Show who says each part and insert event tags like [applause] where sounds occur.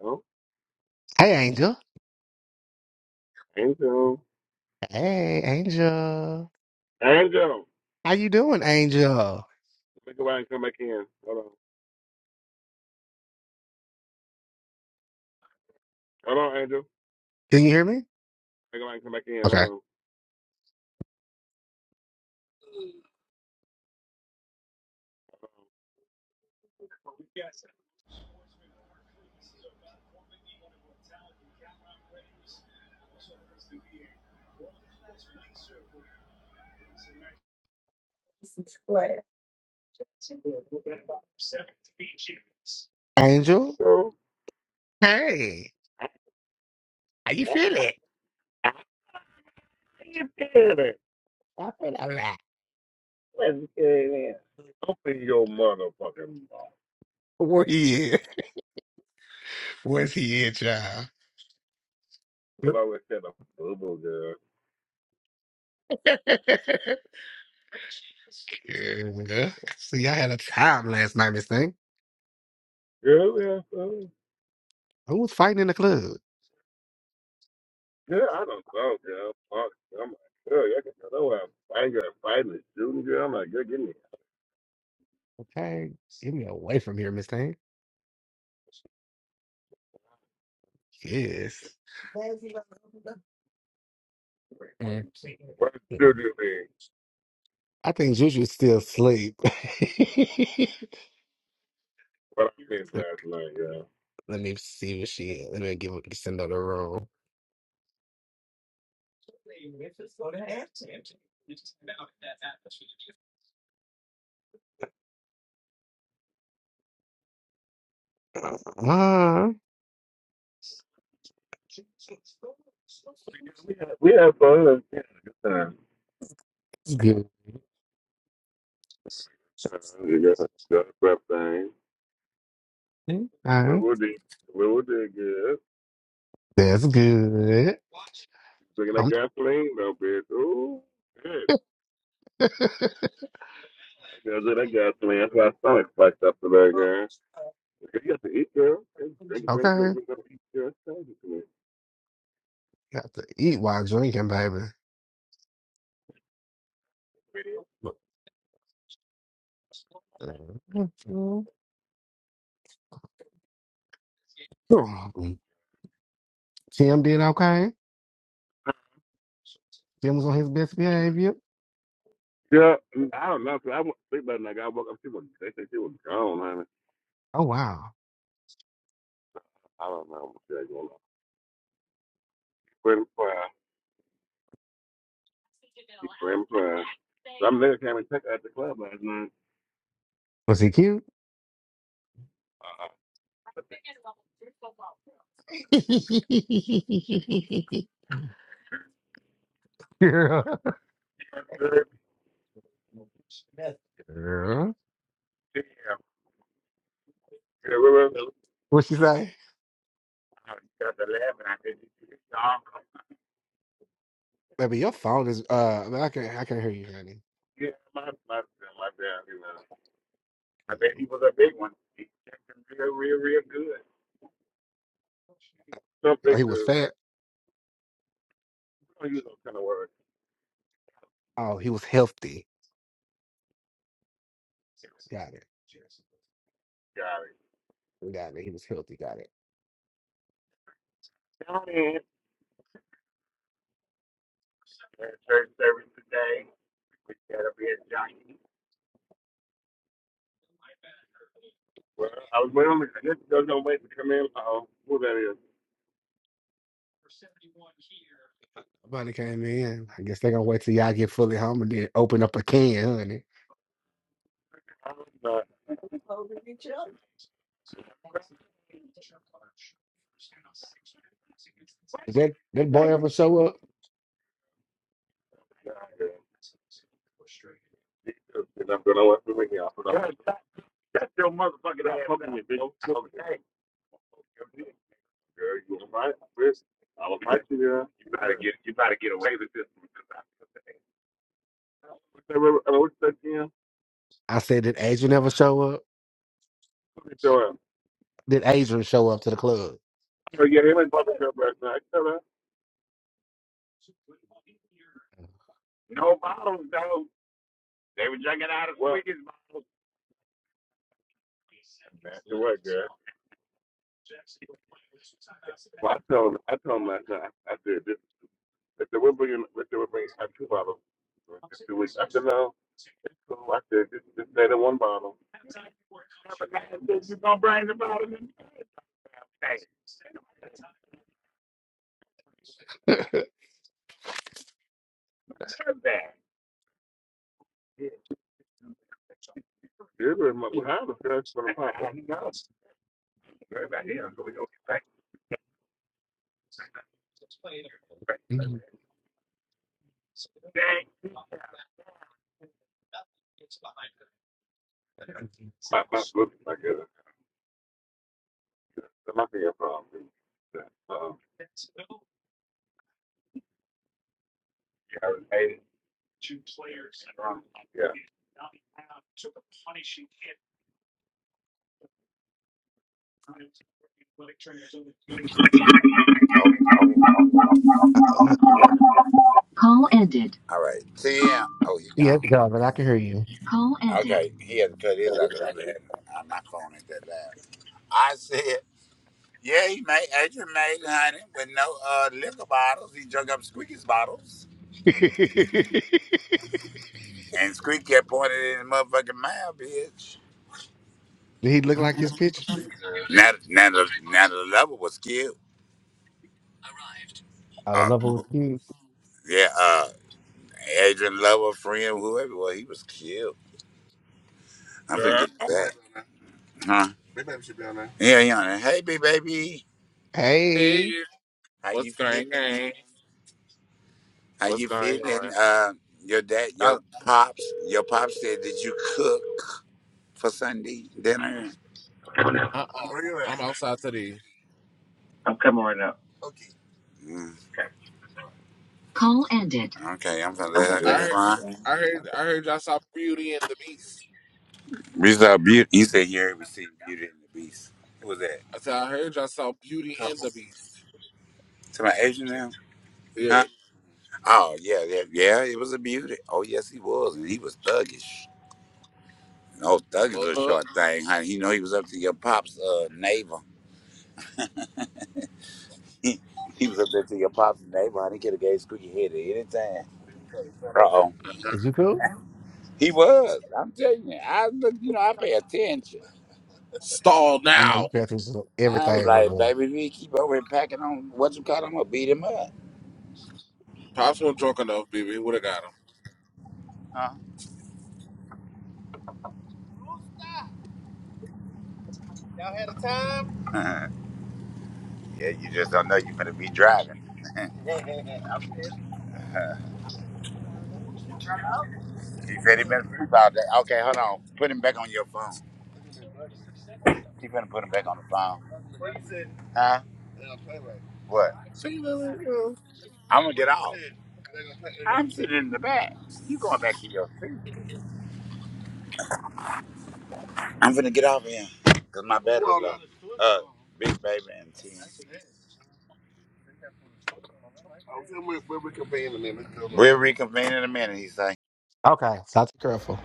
Speaker 1: No.
Speaker 2: Hey, Angel.
Speaker 1: Angel.
Speaker 2: Hey, Angel.
Speaker 1: Angel.
Speaker 2: How you doing, Angel?
Speaker 1: Let me go out and come back in. Hold on. Hold on, Angel.
Speaker 2: Can you hear me?
Speaker 1: Let me go out and come back in. Hold
Speaker 2: Okay.
Speaker 1: on.
Speaker 2: Angel.
Speaker 1: Angel.
Speaker 2: Hey, how you feeling?
Speaker 1: How you feeling?
Speaker 2: I feel all right.
Speaker 1: What's good, man? Open your motherfucking mouth.
Speaker 2: Where he at? Where's he at, y'all?
Speaker 1: Well, I always said a am boo boo girl.
Speaker 2: [laughs] Yeah. See, y'all had a time last night, Miss Thing.
Speaker 1: Girl, yeah, boo.
Speaker 2: Who was fighting in the club?
Speaker 1: Girl, I don't know, girl. Fuck. I'm like, girl, y'all can tell know I'm fighting, girl, fighting and shooting, girl. I'm like, girl, get me. out.
Speaker 2: Okay, get me away from here, Miss Thing. Yes. Mm.
Speaker 1: What did you mean?
Speaker 2: I think Juju's still asleep.
Speaker 1: What I missed
Speaker 2: [laughs]
Speaker 1: last night, girl.
Speaker 2: Let me see what she. is. Let me give. Send out the room. Uh,
Speaker 1: We had, we had fun. We had a good time. Uh, You got, you got a prep thing. What would it? What would it get?
Speaker 2: that's good. Uh, that's good.
Speaker 1: Looking at
Speaker 2: Um,
Speaker 1: gasoline, though, bitch. Ooh, shit.
Speaker 2: [laughs]
Speaker 1: I got that gasoline. That's why my stomach fucked up today, girl. You got to eat, girl. Just Drink, drink, drink,
Speaker 2: okay.
Speaker 1: drink, drink, eat, girl. It's crazy to me.
Speaker 2: Got to eat while drinking, baby. Mm. Tim did okay. Tim was on his best behavior.
Speaker 1: Yeah, mm, I don't know. 'cause I went to sleep that night. I woke up. She was, they said she was gone, honey.
Speaker 2: Oh wow,
Speaker 1: I don't know what shit going on. Pretty crying. She pretty crying. Some nigga came and took her at the club last night.
Speaker 2: was he cute?
Speaker 1: Uh-uh. But the-
Speaker 2: [laughs] Girl.
Speaker 1: [laughs] Yeah, yeah,
Speaker 2: What she say?
Speaker 1: I started laughing. I said, "This arm, cut?"
Speaker 2: Baby, your phone is uh I can't I can't hear you, honey.
Speaker 1: yeah, my my my dad, you know, I bet he was a big one. He checked him real, real, real good. Some
Speaker 2: Oh,
Speaker 1: big
Speaker 2: he was
Speaker 1: dude.
Speaker 2: fat.
Speaker 1: I don't use those kind of words.
Speaker 2: Oh, he was healthy. Got it.
Speaker 1: Got it.
Speaker 2: Got it. He was healthy, got it.
Speaker 1: Down in we church service today. We got a big jockey. Well, I was waiting on the. This does no wait to come in. Oh, who that is?
Speaker 2: Nobody came in. I guess they gonna wait till y'all get fully home and then open up a can, honey.
Speaker 1: I'm not
Speaker 2: Did that, that
Speaker 1: that
Speaker 2: boy ever show up?
Speaker 1: guy. Jesus, and I'm gonna let me off. Shut your motherfucking ass. up, bitch. Okay. girl, you were my, friend. I was my girl. You better get you better get away with this one. What's that, what- uh, what's that, Jim?
Speaker 2: I said, did Adrian ever show up?
Speaker 1: Let me
Speaker 2: Did Adrian show up to the club?
Speaker 1: Oh, yeah, he went to the club last night. no bottles though. They were drinking out of Well- sweetest bottles. Man, it was, girl. Well, I told him, I told him last night, I said, this, if they were bringing, if they were bringing, I had two bottles in two weeks. I said, no. So I said, just, just stay in one bottle. Yeah, but my behind us, girl, it's gonna pop. [laughs]
Speaker 2: Mhm.
Speaker 1: Dang.
Speaker 2: Uh,
Speaker 1: My, my, look, my girl. There might be a problem. Um, you haven't made it wrong. Yeah.
Speaker 3: Call ended. All right. See him. Oh, he
Speaker 2: yeah,
Speaker 3: gone.
Speaker 2: Donovan, I can hear you.
Speaker 3: Call ended. Okay, he had to cut his out because
Speaker 2: [laughs] did
Speaker 3: uh, my phone ain't that loud. I said, yeah, he made Adrian made honey with no uh, liquor bottles. He drunk up Squeaky's bottles. And Squeaky kept pointing in his motherfucking mouth, bitch.
Speaker 2: he look like his pictures?
Speaker 3: Now, now, the, now the lover was killed.
Speaker 2: Out of
Speaker 3: Uh,
Speaker 2: level with you.
Speaker 3: yeah, uh, Adrian lover, friend, whoever, well, he was killed. I'm finna
Speaker 4: Girl,
Speaker 3: get to that. Huh? Yeah, yeah. Hey, baby.
Speaker 4: hey,
Speaker 2: Hey,
Speaker 3: How
Speaker 4: what's
Speaker 3: you
Speaker 4: going on?
Speaker 3: feeling? Are
Speaker 4: What's
Speaker 3: you
Speaker 4: going
Speaker 3: feeling
Speaker 4: on?
Speaker 3: uh, your dad,
Speaker 4: I,
Speaker 3: your pops? Your pops said, did you cook for Sunday dinner?
Speaker 4: uh-uh,
Speaker 3: Really?
Speaker 4: I'm outside today.
Speaker 3: Okay. Mm, Call ended. okay, I'm gonna
Speaker 2: I'm
Speaker 3: let her in
Speaker 4: I
Speaker 3: the
Speaker 2: good.
Speaker 4: heard,
Speaker 3: front.
Speaker 4: I heard, I heard y'all saw Beauty and the Beast.
Speaker 3: We saw beauty. You said "Here we see Beauty and the Beast. Who was that?
Speaker 4: I said I heard y'all saw Beauty and
Speaker 3: Couple.
Speaker 4: the Beast.
Speaker 3: Somebody Asian now?
Speaker 4: Yeah.
Speaker 3: Huh? Oh yeah, yeah, yeah. It was a beauty. Oh yes, he was, and he was thuggish. No thuggish
Speaker 4: Well,
Speaker 3: little
Speaker 4: uh,
Speaker 3: short thing, honey. He know he was up to your pops' uh, navel. He, he was up there to your pops and neighborhood. He could have gave squeaky head at any time. Uh oh.
Speaker 4: uh,
Speaker 2: is you cool?
Speaker 3: He was. I'm telling you. I look, you know, I pay attention.
Speaker 4: stall
Speaker 2: You know,
Speaker 4: now.
Speaker 2: bathrooms is
Speaker 3: I was
Speaker 2: everything
Speaker 3: like,
Speaker 2: everyone.
Speaker 3: baby, if he keep over here packing on what you call him, I'm gonna beat him up.
Speaker 4: Pops wasn't drunk enough, baby. Would have got him.
Speaker 3: Huh? [laughs] yeah, you just don't know you're gonna be driving. [laughs] he said he been asleep all day. Okay, hold on. Put him back on your phone. He finna put him back on the phone. Huh? What?
Speaker 4: See you later.
Speaker 3: I'm gonna get off. Put it in the back. You going back to your seat. I'm finna get off here. Cause my best big baby and T. We'll reconvene in a minute, he said.
Speaker 2: Okay, so I have to be careful.